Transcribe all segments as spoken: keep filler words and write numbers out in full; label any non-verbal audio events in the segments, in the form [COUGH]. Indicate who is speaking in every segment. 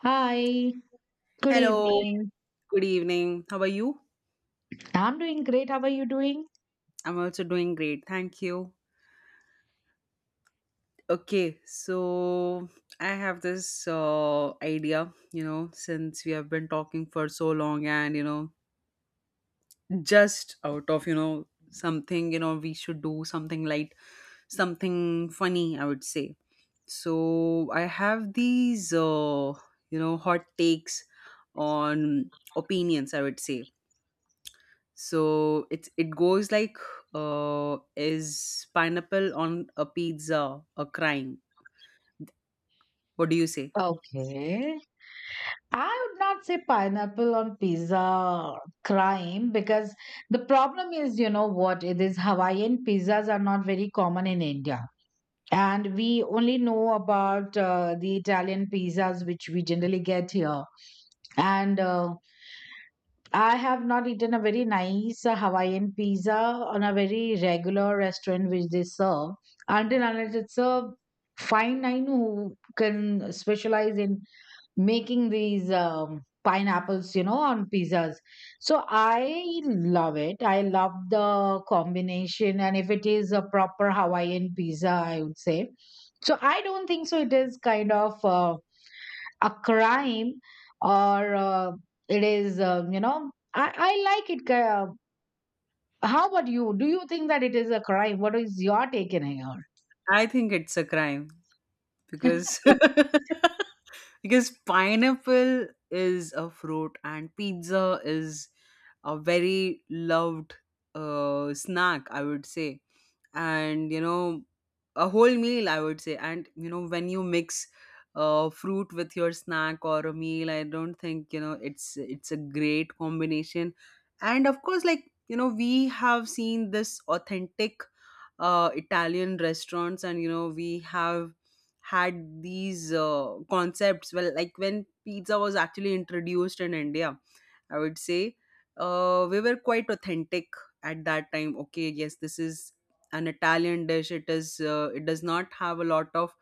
Speaker 1: Hi, good
Speaker 2: Hello,
Speaker 1: evening.
Speaker 2: good evening. How are you?
Speaker 1: I'm doing great. How are you doing?
Speaker 2: I'm also doing great. Thank you. Okay, so I have this uh, idea, you know, since we have been talking for so long and, you know, just out of, you know, something, you know, we should do something light, something funny, I would say. So I have these, uh, you know, hot takes on opinions, I would say so it's it goes like uh is pineapple on a pizza a crime? What do you say?
Speaker 1: Okay. I would not say pineapple on pizza crime, because the problem is, you know what, it is Hawaiian pizzas are not very common in India. And we only know about uh, the Italian pizzas, which we generally get here. And uh, I have not eaten a very nice uh, Hawaiian pizza on a very regular restaurant which they serve, until unless it's a fine line who can specialize in making these um, pineapples, you know, on pizzas. So I love it. I love the combination, and if it is a proper Hawaiian pizza, I would say. So I don't think so. It is kind of Uh, a crime, or uh, it is, uh, you know, I, I like it. Uh, how about you? Do you think that it is a crime? What is your take in here?
Speaker 2: I think it's a crime because
Speaker 1: [LAUGHS]
Speaker 2: [LAUGHS] because pineapple is a fruit and pizza is a very loved uh, snack, I would say, and you know, a whole meal, I would say. And you know, when you mix uh, fruit with your snack or a meal, I don't think you know it's it's a great combination. And of course, like you know, we have seen this authentic uh, Italian restaurants, and you know, we have had these uh, concepts well, like when pizza was actually introduced in India, I would say. Uh, we were quite authentic at that time. Okay, yes, this is an Italian dish. It is. Uh, it does not have a lot of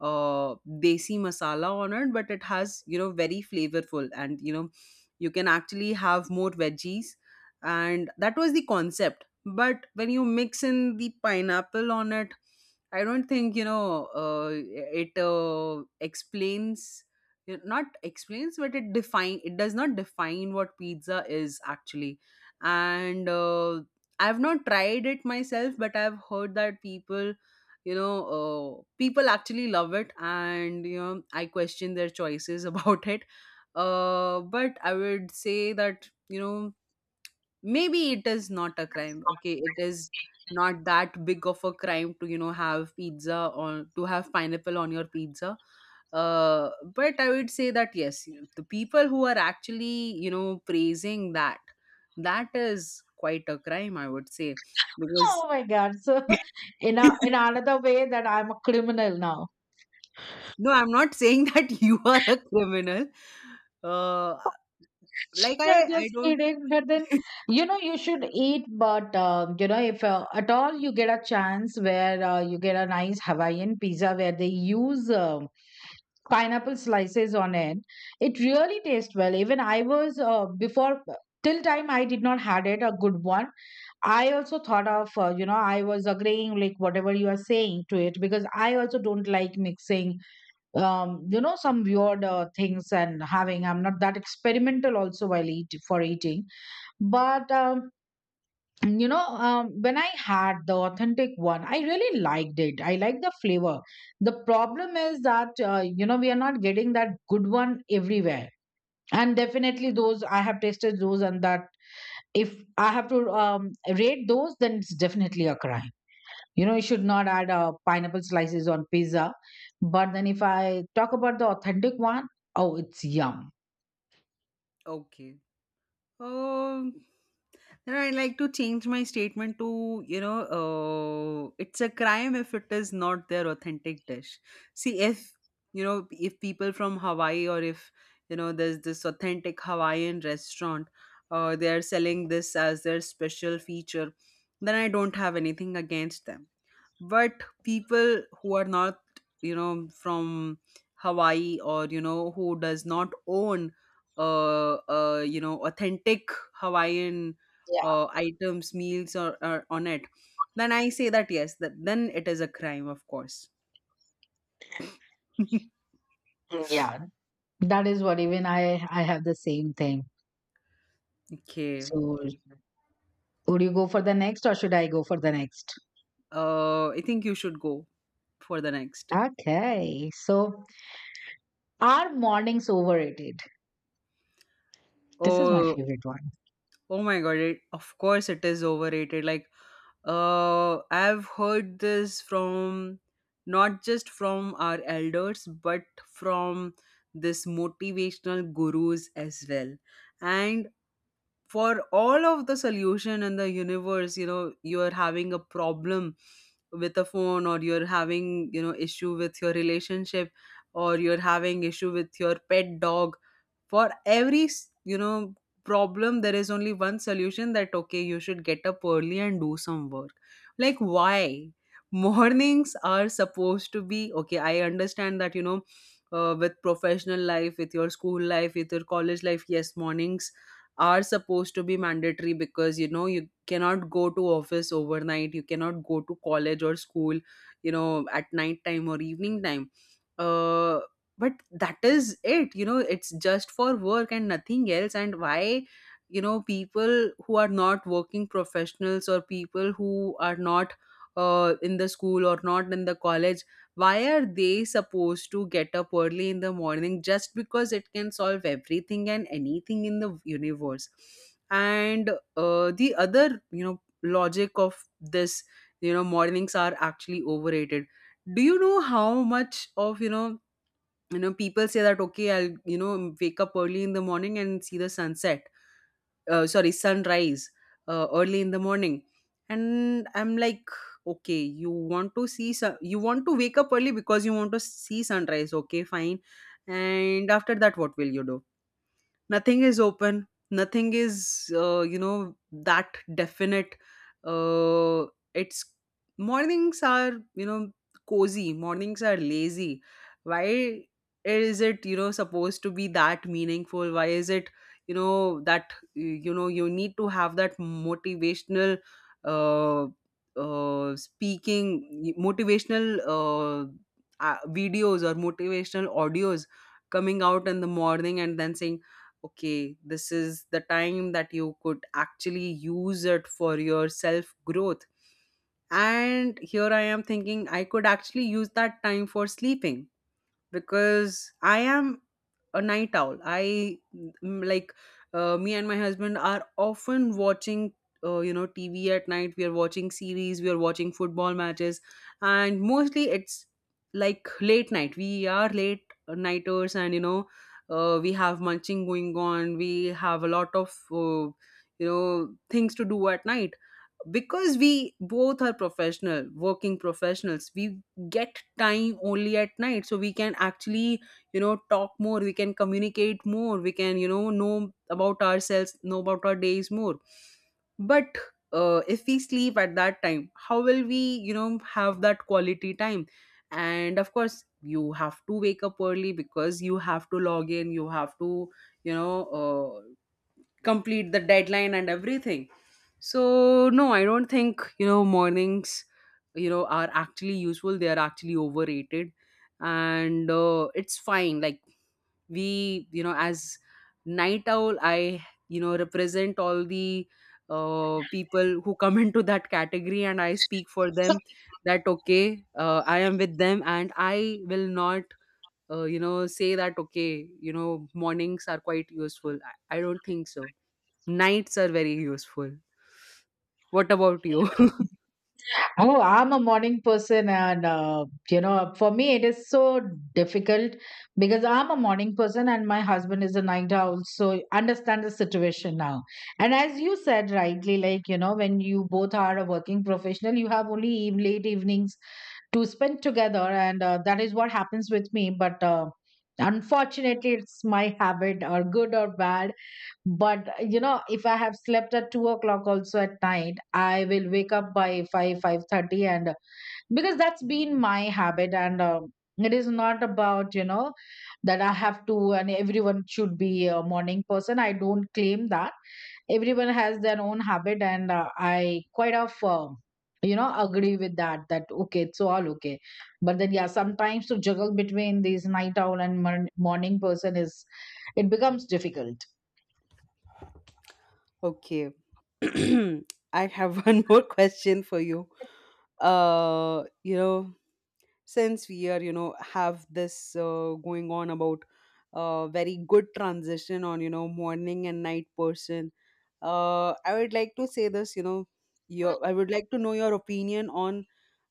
Speaker 2: uh, desi masala on it, but it has, you know, very flavorful, and you know, you can actually have more veggies, and that was the concept. But when you mix in the pineapple on it, I don't think you know uh, it uh, explains it, not explains but it define it does not define what pizza is actually. And uh, I've not tried it myself, but I've heard that people, you know, uh, people actually love it, and you know, I question their choices [LAUGHS] about it. Uh, but I would say that, you know, maybe it is not a crime. Okay, it is not that big of a crime to, you know, have pizza or to have pineapple on your pizza. Uh, but I would say that yes, you- the people who are actually, you know, praising that, that is quite a crime, I would say, because
Speaker 1: Oh my God, so, [LAUGHS] in a
Speaker 2: [LAUGHS]
Speaker 1: in another way that I'm a criminal now.
Speaker 2: no, I'm not saying [LAUGHS] that you are a criminal. uh like i
Speaker 1: No,
Speaker 2: i
Speaker 1: just
Speaker 2: don't.
Speaker 1: kidding, but then you know you should eat, but uh, you know, if uh, at all you get a chance where uh, you get a nice Hawaiian pizza where they use um pineapple slices on it, it really tastes well. Even I was uh, before, till time I did not had it a good one. I also thought of, uh, you know, I was agreeing like whatever you are saying to it, because I also don't like mixing um, you know, some weird uh, things, and having, I'm not that experimental also while eat for eating. But um, you know, um, when I had the authentic one, I really liked it. I like the flavor. The problem is that uh, you know, we are not getting that good one everywhere. And definitely those, I have tasted those, and that if I have to um, rate those, then it's definitely a crime. You know, you should not add uh, pineapple slices on pizza. But then if I talk about the authentic one, oh, it's yum.
Speaker 2: Okay. Um, then I like to change my statement to, you know, uh, it's a crime if it is not their authentic dish. See, if, you know, if people from Hawaii, or if, you know, there's this authentic Hawaiian restaurant, uh, they're selling this as their special feature, then I don't have anything against them. But people who are not, you know, from Hawaii, or you know, who does not own uh, uh you know, authentic Hawaiian
Speaker 1: Yeah,
Speaker 2: uh, items, meals, or, or on it, then I say that yes, that then it is a crime, of course. [LAUGHS]
Speaker 1: yeah, that is what even i i have the same thing.
Speaker 2: Okay,
Speaker 1: So, would you go for the next or should I go for the next?
Speaker 2: uh I think you should go for the next.
Speaker 1: Okay. So, are mornings overrated? This is my
Speaker 2: Oh,
Speaker 1: favorite one.
Speaker 2: oh my god, it, of course it is overrated. Like uh, I've heard this from not just from our elders, but from this motivational gurus as well. And for all of the solution in the universe, you know, you're having a problem with a phone, or you're having, you know, issue with your relationship, or you're having issue with your pet dog, for every, you know, problem, there is only one solution, that okay, you should get up early and do some work. Like, why? [LAUGHS] Mornings are supposed to be, okay, I understand that, you know, uh, with professional life, with your school life, with your college life, yes, mornings are supposed to be mandatory, because you know, you cannot go to office overnight, you cannot go to college or school, you know, at night time or evening time. uh, but that is it, you know, it's just for work and nothing else. And why, you know, people who are not working professionals, or people who are not uh, in the school or not in the college, why are they supposed to get up early in the morning, just because it can solve everything and anything in the universe? And uh, the other, you know, logic of this, you know, mornings are actually overrated. Do you know how much of, you know, you know, people say that okay, I'll, you know, wake up early in the morning and see the sunset, uh, sorry, sunrise uh, early in the morning, and I'm like, okay, you want to see sun- you want to wake up early because you want to see sunrise, okay, fine, and after that what will you do? Nothing is open, nothing is, uh, you know, that definite. uh, it's, mornings are, you know, cozy, mornings are lazy. Why is it, you know, supposed to be that meaningful? Why is it, you know, that, you know, you need to have that motivational, uh, uh, speaking motivational, uh, uh, videos or motivational audios coming out in the morning and then saying, okay, this is the time that you could actually use it for your self growth, and here I am thinking I could actually use that time for sleeping, because I am a night owl. I, mm, like uh, me and my husband are often watching, uh, you know, T V at night. We are watching series, we are watching football matches, and mostly it's like late night. We are late nighters, and you know uh, we have munching going on. We have a lot of uh, you know, things to do at night, because we both are professional working professionals. We get time only at night, so we can actually, you know, talk more, we can communicate more, we can, you know know about ourselves, know about our days more. But uh, if we sleep at that time, how will we, you know, have that quality time? And of course, you have to wake up early because you have to log in, you have to, you know, uh, complete the deadline and everything. So no, I don't think, you know, mornings, you know, are actually useful. They are actually overrated. And uh, it's fine, like we, you know, as night owl, I, you know, represent all the uh, people who come [LAUGHS] into that category, and I speak for them that okay, uh, I am with them, and I will not uh, you know, say that okay, you know, mornings are quite useful. i, I don't think so. Nights are very useful. What about you? [LAUGHS]
Speaker 1: Oh, I'm a morning person, and uh, you know, for me, it is so difficult, because I'm a morning person and my husband is a night owl, so understand the situation now. And as you said rightly, like you know, when you both are a working professional, you have only eve- late evenings to spend together, and uh, that is what happens with me. But uh, unfortunately, it's my habit, or good or bad. But you know, if I have slept at two o'clock also at night, I will wake up by five five thirty, and uh, because that's been my habit. And um, it is not about you know that I have to, and everyone should be a morning person. I don't claim that. Everyone has their own habit, and uh, I quite of um you know agree with that, that okay, it's all okay. But then, yeah, sometimes to juggle between these night owl and morn- morning person is, it becomes difficult.
Speaker 2: Okay. [CLEARS THROAT] I have [LAUGHS] one more question for you. Uh, you know, since we are, you know, have this uh, going on about uh, very good transition on, you know, morning and night person, uh, I would like to say this, you know, your, I would like to know your opinion on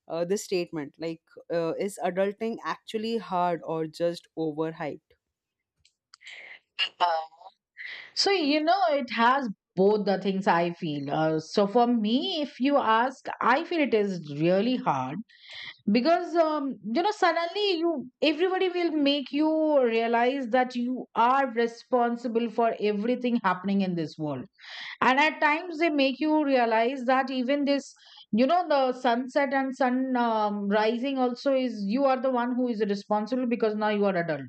Speaker 2: uh, this statement. Like, uh, is adulting actually hard or just overhyped?
Speaker 1: So, you know, it has both the things I feel. Uh, so, for me, if you ask, I feel it is really hard, because, um, you know, suddenly you everybody will make you realize that you are responsible for everything happening in this world. And at times, they make you realize that even this. You know, the sunset and sun um, rising also is, you are the one who is responsible, because now you are adult.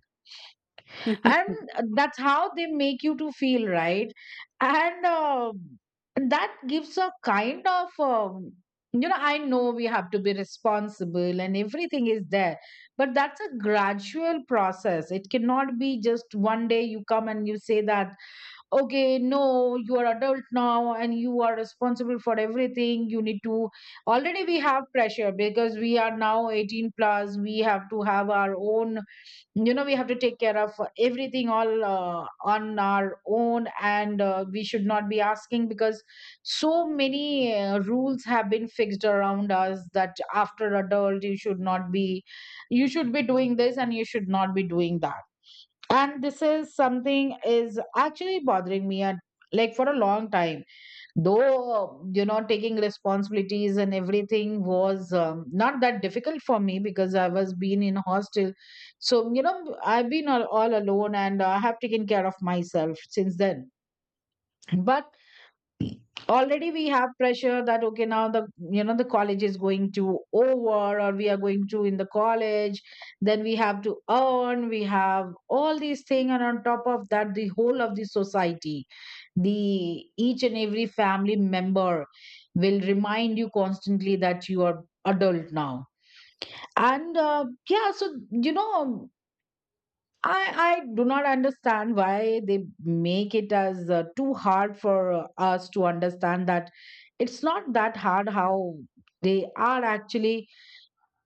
Speaker 1: And
Speaker 2: [LAUGHS]
Speaker 1: that's how they make you to feel, right? And uh, that gives a kind of um, you know, I know we have to be responsible and everything is there, but that's a gradual process. It cannot be just one day you come and you say that, okay, no, you are adult now and you are responsible for everything, you need to. Already we have pressure because we are now eighteen plus. We have to have our own, you know, we have to take care of everything, all uh, on our own. And uh, we should not be asking, because so many uh, rules have been fixed around us that after adult you should not be, you should be doing this, and you should not be doing that. And this is something is actually bothering me at, like, for a long time. Though you know, taking responsibilities and everything was um, not that difficult for me, because I was been in hostel. So you know, I've been all, all alone and I have taken care of myself since then. But already we have pressure that okay, now the you know the college is going to over, or we are going to in the college, then we have to earn, we have all these things. And on top of that, the whole of the society, the each and every family member will remind you constantly that you are adult now. And uh, yeah, so you know, i i do not understand why they make it as uh, too hard for uh, us to understand that it's not that hard how they are actually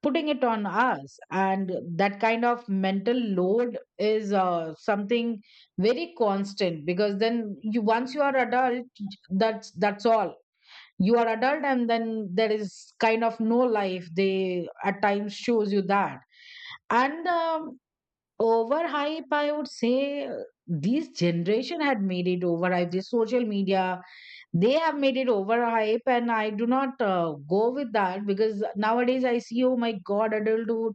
Speaker 1: putting it on us. And that kind of mental load is uh, something very constant, because then you once you are adult, that's that's all, you are adult, and then there is kind of no life, they at times shows you that. And um, overhype, I would say. Uh, this generation had made it overhype, this social media, they have made it overhype, and I do not uh, go with that, because nowadays I see, oh my God, adulthood,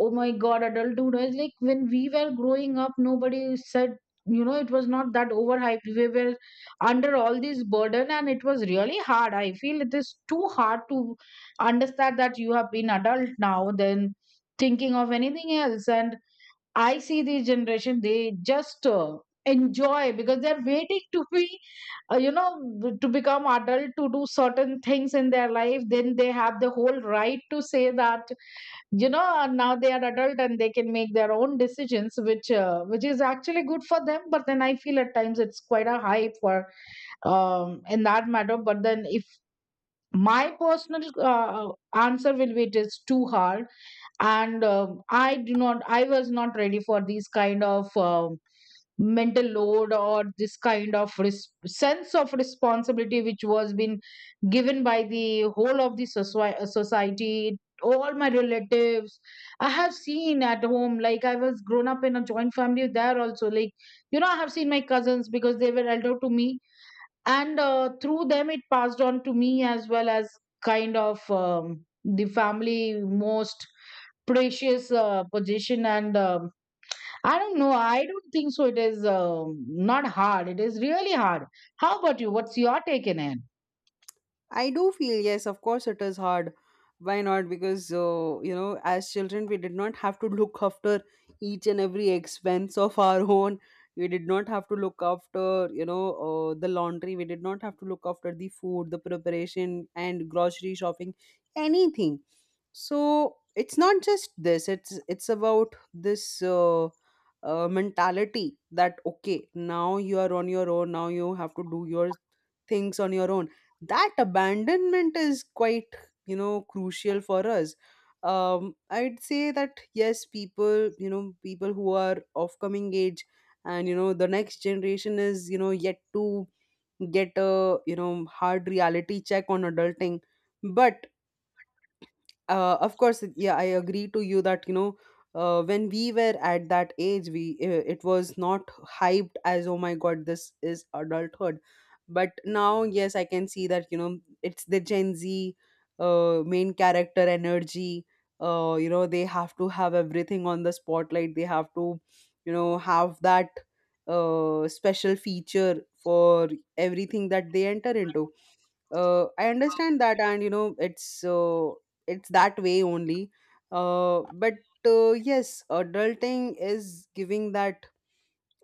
Speaker 1: oh my God, adulthood is like, when we were growing up, nobody said, you know, it was not that overhyped. We were under all this burden, and it was really hard. I feel it is too hard to understand that you have been adult now than thinking of anything else. And I see this generation, they just uh, enjoy, because they're waiting to be uh, you know, to become adult, to do certain things in their life, then they have the whole right to say that you know, uh, now they are adult and they can make their own decisions, which uh, which is actually good for them. But then I feel at times it's quite a hype for, um in that matter. But then, if my personal uh, answer will be, it is too hard. And um, i do not I was not ready for these kind of um mental load, or this kind of res- sense of responsibility which was been given by the whole of the soci- society, all my relatives. I have seen at home, like, I was grown up in a joint family. There also, like you know, I have seen my cousins, because they were elder to me. And uh, through them it passed on to me as well, as kind of um, the family most precious uh, position. And um, I don't know. I don't think so. It is um, not hard. It is really hard. How about you? What's your take in it?
Speaker 2: I do feel, yes, of course, it is hard. Why not? Because, uh, you know, as children, we did not have to look after each and every expense [LAUGHS] of our own. We did not have to look after, you know, uh, the laundry. We did not have to look after the food, the preparation, and grocery shopping, anything. So it's not just this. It's it's about this uh, uh, mentality that okay, now you are on your own. Now you have to do your things on your own. That abandonment is quite, you know, crucial for us. Um, I'd say that yes, people, you know, people who are of coming age, and you know, the next generation is, you know, yet to get a, you know, hard reality check on adulting. But uh, of course it- yeah, I agree to you that, you know, uh, when we were at that age, we uh, it was not hyped as oh my god, this is adulthood. But now yes, I can see that, you know, it's the Gen Z uh, main character energy. Uh, you know, they have to have everything on the spotlight. They have to, you know, have that uh, special feature for everything that they enter into. uh, I understand that, and you know, it's uh, it's that way only. Uh, but uh, yes, adulting is giving that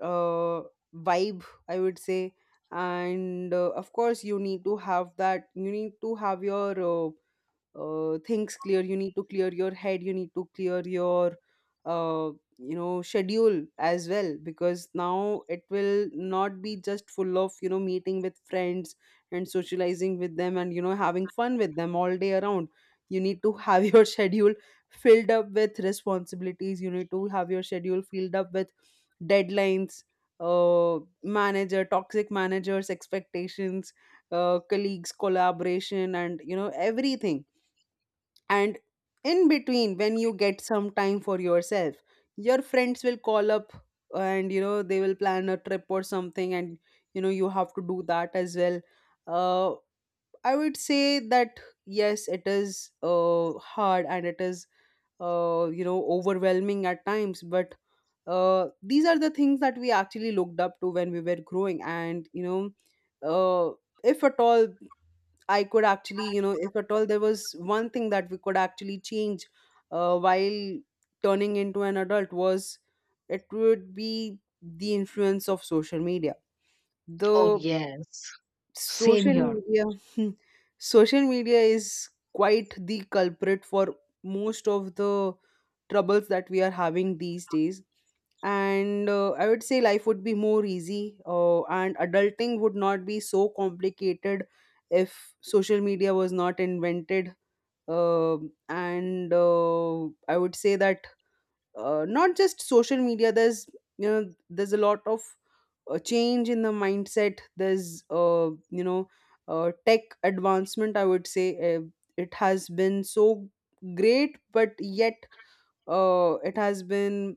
Speaker 2: uh, vibe, I would say. And uh, of course, you need to have that, you need to have your uh, uh, things clear, you need to clear your head, you need to clear your uh, you know, schedule as well, because now it will not be just full of, you know, meeting with friends and socializing with them and you know, having fun with them all day around. You need to have [LAUGHS] your schedule filled up with responsibilities, you need to have your schedule filled up with deadlines, uh manager, toxic managers' expectations, uh colleagues, collaboration, and you know, everything. And in between, when you get some time for yourself, your friends will call up and you know, they will plan a trip or something, and you know, you have to do that as well. Uh, I would say that yes, it is uh, hard, and it is uh, you know overwhelming at times. But uh, these are the things that we actually looked up to when we were growing. and you know, uh, if at all I could actually, you know, if at all there was one thing that we could actually change uh, while turning into an adult was it would be the influence of social media.
Speaker 1: Oh,
Speaker 2: The
Speaker 1: yes. Same
Speaker 2: social
Speaker 1: here.
Speaker 2: media [LAUGHS] Social media is quite the culprit for most of the troubles that we are having these days. And uh, I would say life would be more easy uh, and adulting would not be so complicated if social media was not invented. Um and uh, I would say that, uh, not just social media, there's you know there's a lot of a change in the mindset. There's uh, you know uh, tech advancement, I would say. Uh, it has been so great, but yet uh, it has been,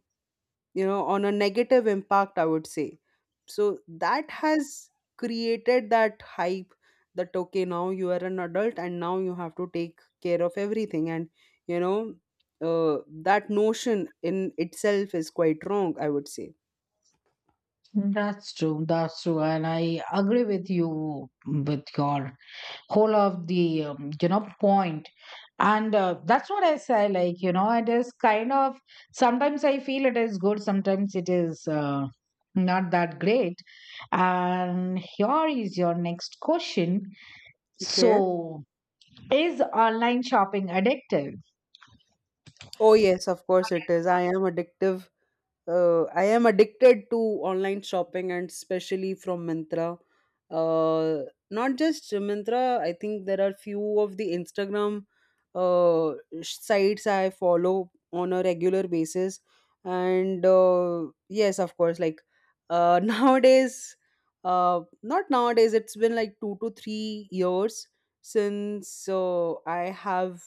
Speaker 2: you know on a negative impact, I would say. So that has created that hype that okay, now you are an adult and now you have to take care of everything. And you know uh, that notion in itself is quite wrong, I would say.
Speaker 1: That's true. That's true. And I agree with you with your whole of the, um, you know, point. And uh, that's what I say. Like, you know, it is kind of, sometimes I feel it is good, sometimes it is uh, not that great. And here is your next question.
Speaker 2: Okay.
Speaker 1: So, is online shopping addictive?
Speaker 2: Oh yes, of course it is. I am addictive. Uh, I am addicted to online shopping, and especially from Myntra. Uh, Not just Myntra. I think there are few of the Instagram uh, sites I follow on a regular basis, and uh, yes, of course, like uh, [LAUGHS] nowadays, uh, not nowadays. It's been like two to three years since uh, I have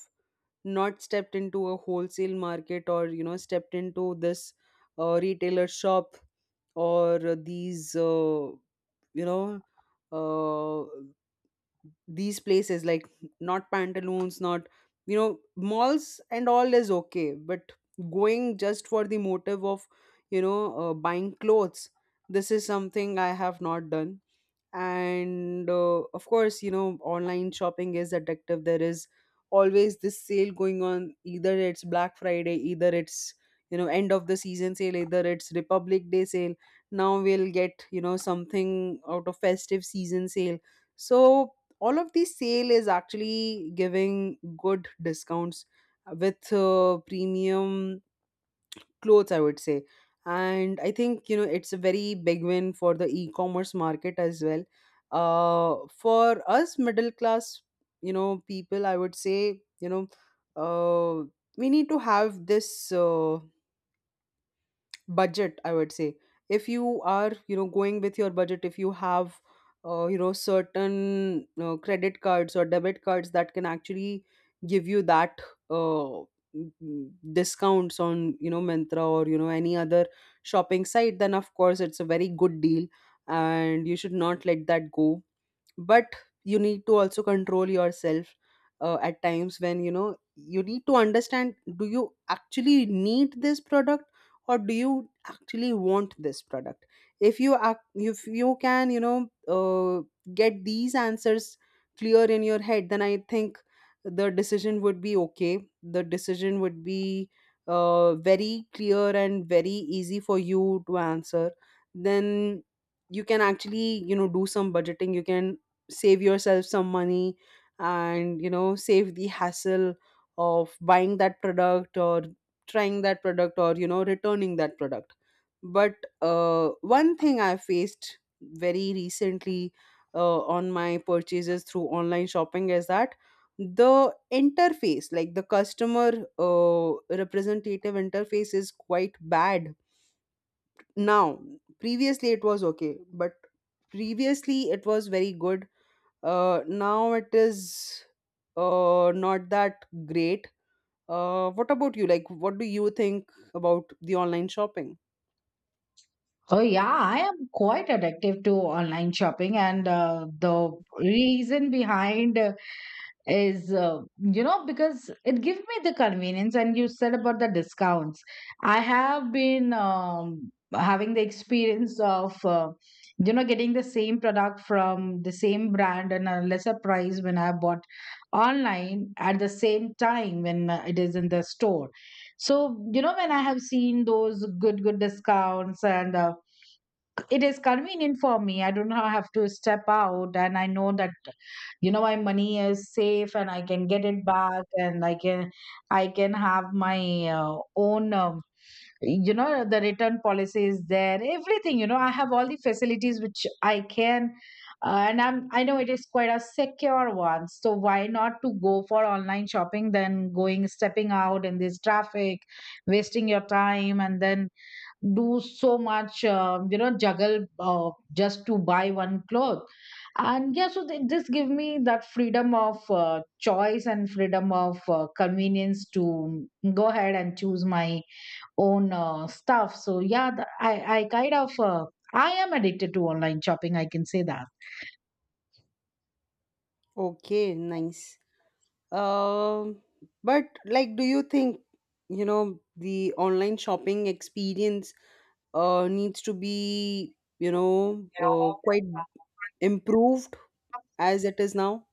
Speaker 2: not stepped into a wholesale market, or you know stepped into this uh, retailer shop, or these uh, you know uh, these places, like not pantaloons, not you know malls and all is okay, but going just for the motive of you know uh, buying clothes, this is something I have not done. And uh, of course, you know, online shopping is addictive. There is always this sale going on, either it's Black Friday, either it's, you know, end of the season sale, either it's Republic Day sale. Now we'll get, you know, something out of festive season sale. So all of these sale is actually giving good discounts with uh, premium clothes, I would say. And I think, you know, it's a very big win for the e-commerce market as well. Uh, for us middle class, you know, people, I would say, you know uh, we need to have this uh, budget, I would say. If you are, you know, going with your budget, if you have uh, you know certain uh, credit cards or debit cards that can actually give you that uh, m- m- discounts on, you know, Myntra or, you know, any other shopping site, then of course it's a very good deal and you should not let that go. But you need to also control yourself uh, at times, when you know you need to understand, do you actually need this product, or do you actually want this product? If you act, if you can, you know uh, get these answers clear in your head, then I think the decision would be okay, the decision would be uh, very clear and very easy for you to answer. Then you can actually, you know, do some budgeting, you can save yourself some money, and you know, save the hassle of buying that product, or trying that product, or you know, returning that product. But uh, one thing I faced very recently uh, on my purchases through online shopping is that the interface, like the customer uh, representative interface is quite bad now. Previously it was okay, but previously it was very good. Uh, now it is uh, not that great. Uh, what about you? Like, what do you think about the online shopping?
Speaker 1: Oh yeah, I am quite addictive to online shopping, and uh, the reason behind is uh, you know because it gives me the convenience and you said about the discounts. I have been um, having the experience of uh, you know getting the same product from the same brand and a lesser price when I bought online, at the same time when uh, it is in the store. So you know, when I have seen those good good discounts and uh, it is convenient for me, I do not have to step out and I know that you know my money is safe and I can get it back and i can i can have my uh, own um, you know the return policy is there, everything, you know I have all the facilities which I can uh, and i'm I know it is quite a secure one. So why not to go for online shopping than going stepping out in this traffic, wasting your time and then do so much um, you know juggle, uh, just to buy one cloth. And yeah, so th- this give me that freedom of uh, choice and freedom of uh, convenience to um, go ahead and choose my own uh, stuff. So yeah, th- i i kind of uh, I am addicted to online shopping, I can say that.
Speaker 2: Okay, nice. Um, but like, do you think, you know, the online shopping experience uh, needs to be, you know, uh, quite improved as it is now?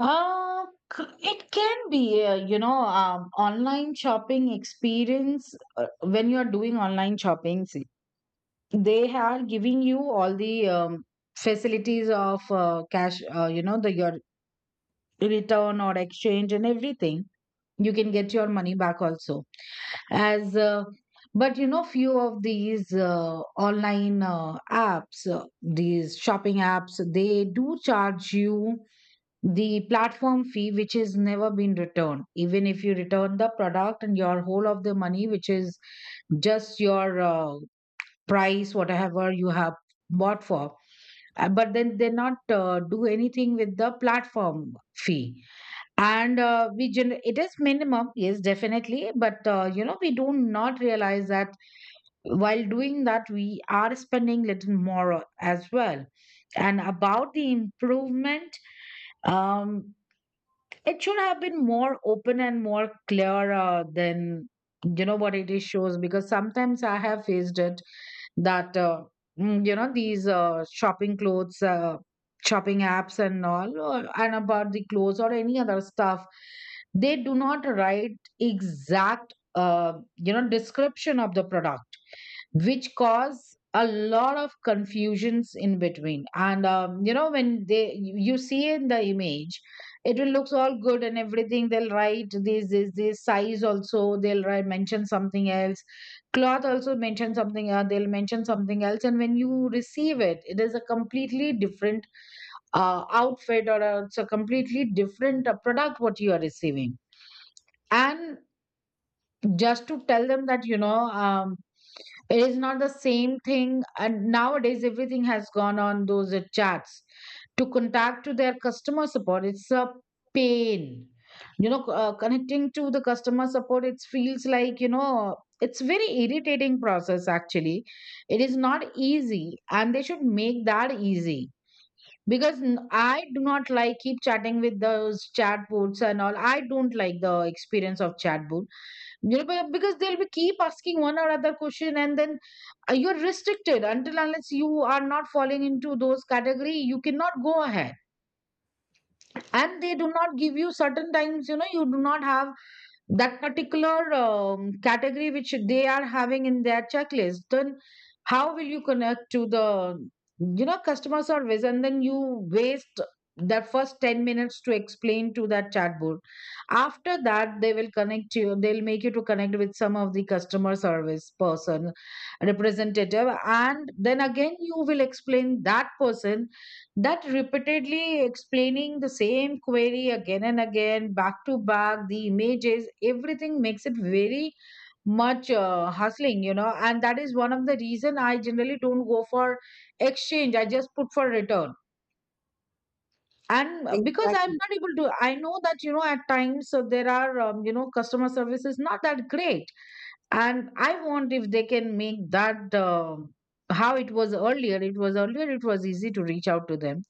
Speaker 1: uh, c- it can be, uh, you know, um, online shopping experience. Uh, when you are doing online shopping, they are giving you all the um, facilities of uh, cash, uh, you know, the your return or exchange and everything. You can get your money back also, as uh, but you know few of these uh, online uh, apps, uh, these shopping apps, they do charge you the platform fee, which is never been returned even if you return the product and your whole of the money which is just your uh, price whatever you have bought for. Uh, but then they not uh, do anything with the platform fee. And uh, we gen- it is minimum, yes, definitely, but uh, you know we do not realize that while doing that we are spending little more as well. And about the improvement, um it should have been more open and more clear uh, than you know what it is shows, because sometimes I have faced it that uh, mm, you know these uh, shopping clothes, uh, shopping apps and all, uh, and about the clothes or any other stuff, they do not write exact, uh, you know, description of the product, which cause a lot of confusions in between. And um, you know, when they you you see in the image, it will looks all good and everything. They'll write this this this size also, they'll write mention something else, cloth also mention something, uh, they'll mention something else, and when you receive it, it is a completely different uh, outfit or a, it's a completely different uh, product what you are receiving. And just to tell them that you know um, it is not the same thing, and nowadays everything has gone on those uh, chats to contact to their customer support. It's a pain, you know. Uh, connecting to the customer support, it feels like, you know, it's very irritating process actually. It is not easy and they should make that easy, because n- I do not like keep chatting with those chatbots and all. I don't like the experience of chatbot. Yeah, but because they'll be keep asking one or other question, and then uh, you're restricted until unless you are not falling into those category, you cannot go ahead. And they do not give you certain times, you know, you do not have that particular um, category which they are having in their checklist. Then how will you connect to the you know customer service? And then you waste the first ten minutes to explain to that chatbot. After that they will connect you, they'll make you to connect with some of the customer service person, representative, and then again you will explain that person, that repeatedly explaining the same query again and again back to back, the images, everything makes it very much uh, hustling, you know. And that is one of the reason I generally don't go for exchange, I just put for return. And uh, because I'm
Speaker 2: Exactly,
Speaker 1: not able to I know that you know at times uh, there are um, you know customer service is not that great. And I want if they can make that uh, how it was earlier. It was earlier it was easy to reach out to them.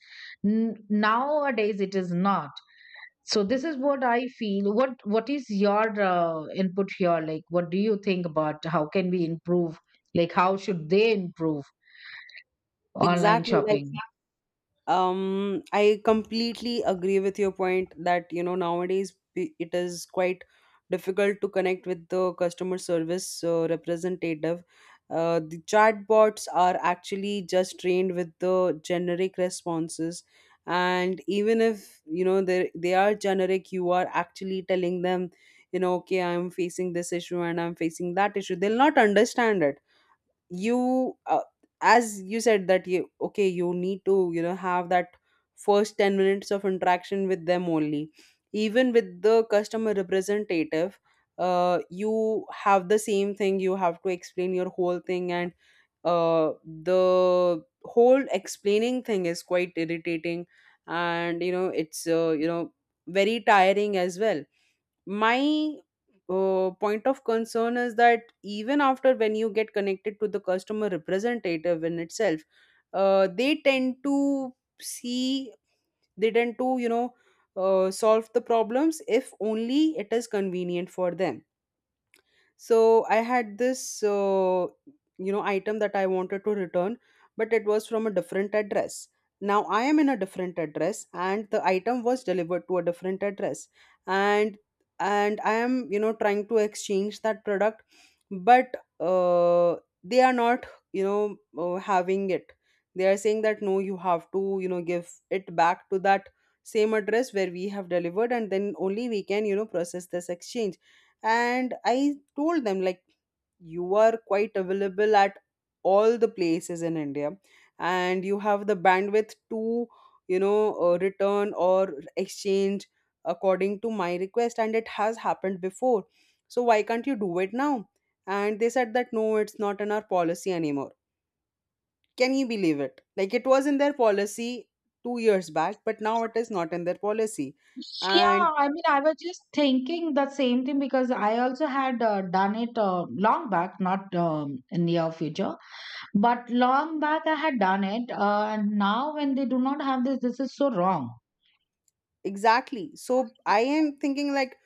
Speaker 1: N- nowadays it is not. So this is what I feel. What what is your uh, input here? Like what do you think about how can we improve, like how should they improve online
Speaker 2: exactly. Like,
Speaker 1: shopping?
Speaker 2: um I completely agree with your point that, you know, nowadays we-, it is quite difficult to connect with the customer service uh, representative. Uh, the chatbots are actually just trained with the generic responses, and even if, you know, they they are generic, you are actually telling them, you know, okay I'm facing this issue and I'm facing that issue, they'll not understand it. You uh, As you said that, you okay, you need to, you know, have that first ten minutes of interaction with them only, even with the customer representative. Uh, you have the same thing, you have to explain your whole thing, and uh, the whole explaining thing is quite irritating, and you know, it's uh, you know very tiring as well. My uh, point of concern is that even after when you get connected to the customer representative in itself, uh, they tend to see they tend to, you know, uh, solve the problems if only it is convenient for them. So I had this uh, you know item that I wanted to return, but it was from a different address. Now I am in a different address, and the item was delivered to a different address, and and I am, you know, trying to exchange that product, but uh, they are not, you know uh, having it. They are saying that, no, you have to, you know, give it back to that same address where we have delivered, and then only we can, you know, process this exchange. And I told them like, you are quite available at all the places in India, and you have the bandwidth to, you know uh, return or exchange according to my request, and it has happened before, so why can't you do it now? And they said that, no, it's not in our policy anymore. Can you believe it? Like it was in their policy two years back, but now it is not in their policy. And
Speaker 1: Yeah, I mean, I was just thinking the same thing, because I also had uh, done it uh, long back, not um, in near future. But long back, I had done it. Uh, and now, when they do not have this, this is so wrong.
Speaker 2: exactly. So I am thinking like,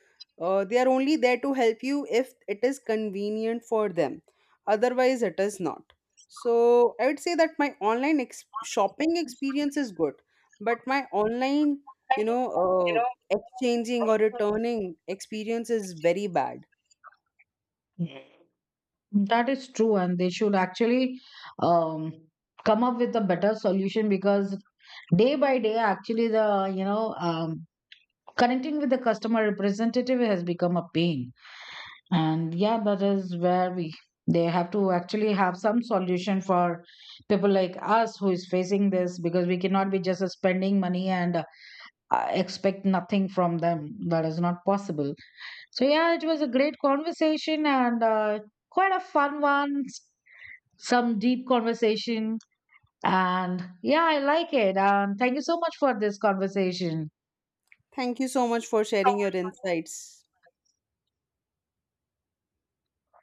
Speaker 2: uh, they are only there to help you if it is convenient for them. Otherwise, it is not. So I would say that my online ex- shopping experience is good, but my online, you
Speaker 1: And,
Speaker 2: know,
Speaker 1: you know,
Speaker 2: uh, exchanging or returning experience is very bad.
Speaker 1: That is true, and they should actually um, come up with a better solution, because day by day, actually, the you know um, connecting with the customer representative has become a pain. And yeah, that is where we they have to actually have some solution for people like us who is facing this, because we cannot be just spending money and I expect nothing from them. That is not possible. So yeah, it was a great conversation and uh, quite a fun one, s- some deep conversation. And yeah, I like it. And thank you so much for this conversation.
Speaker 2: Thank you so much for sharing your insights.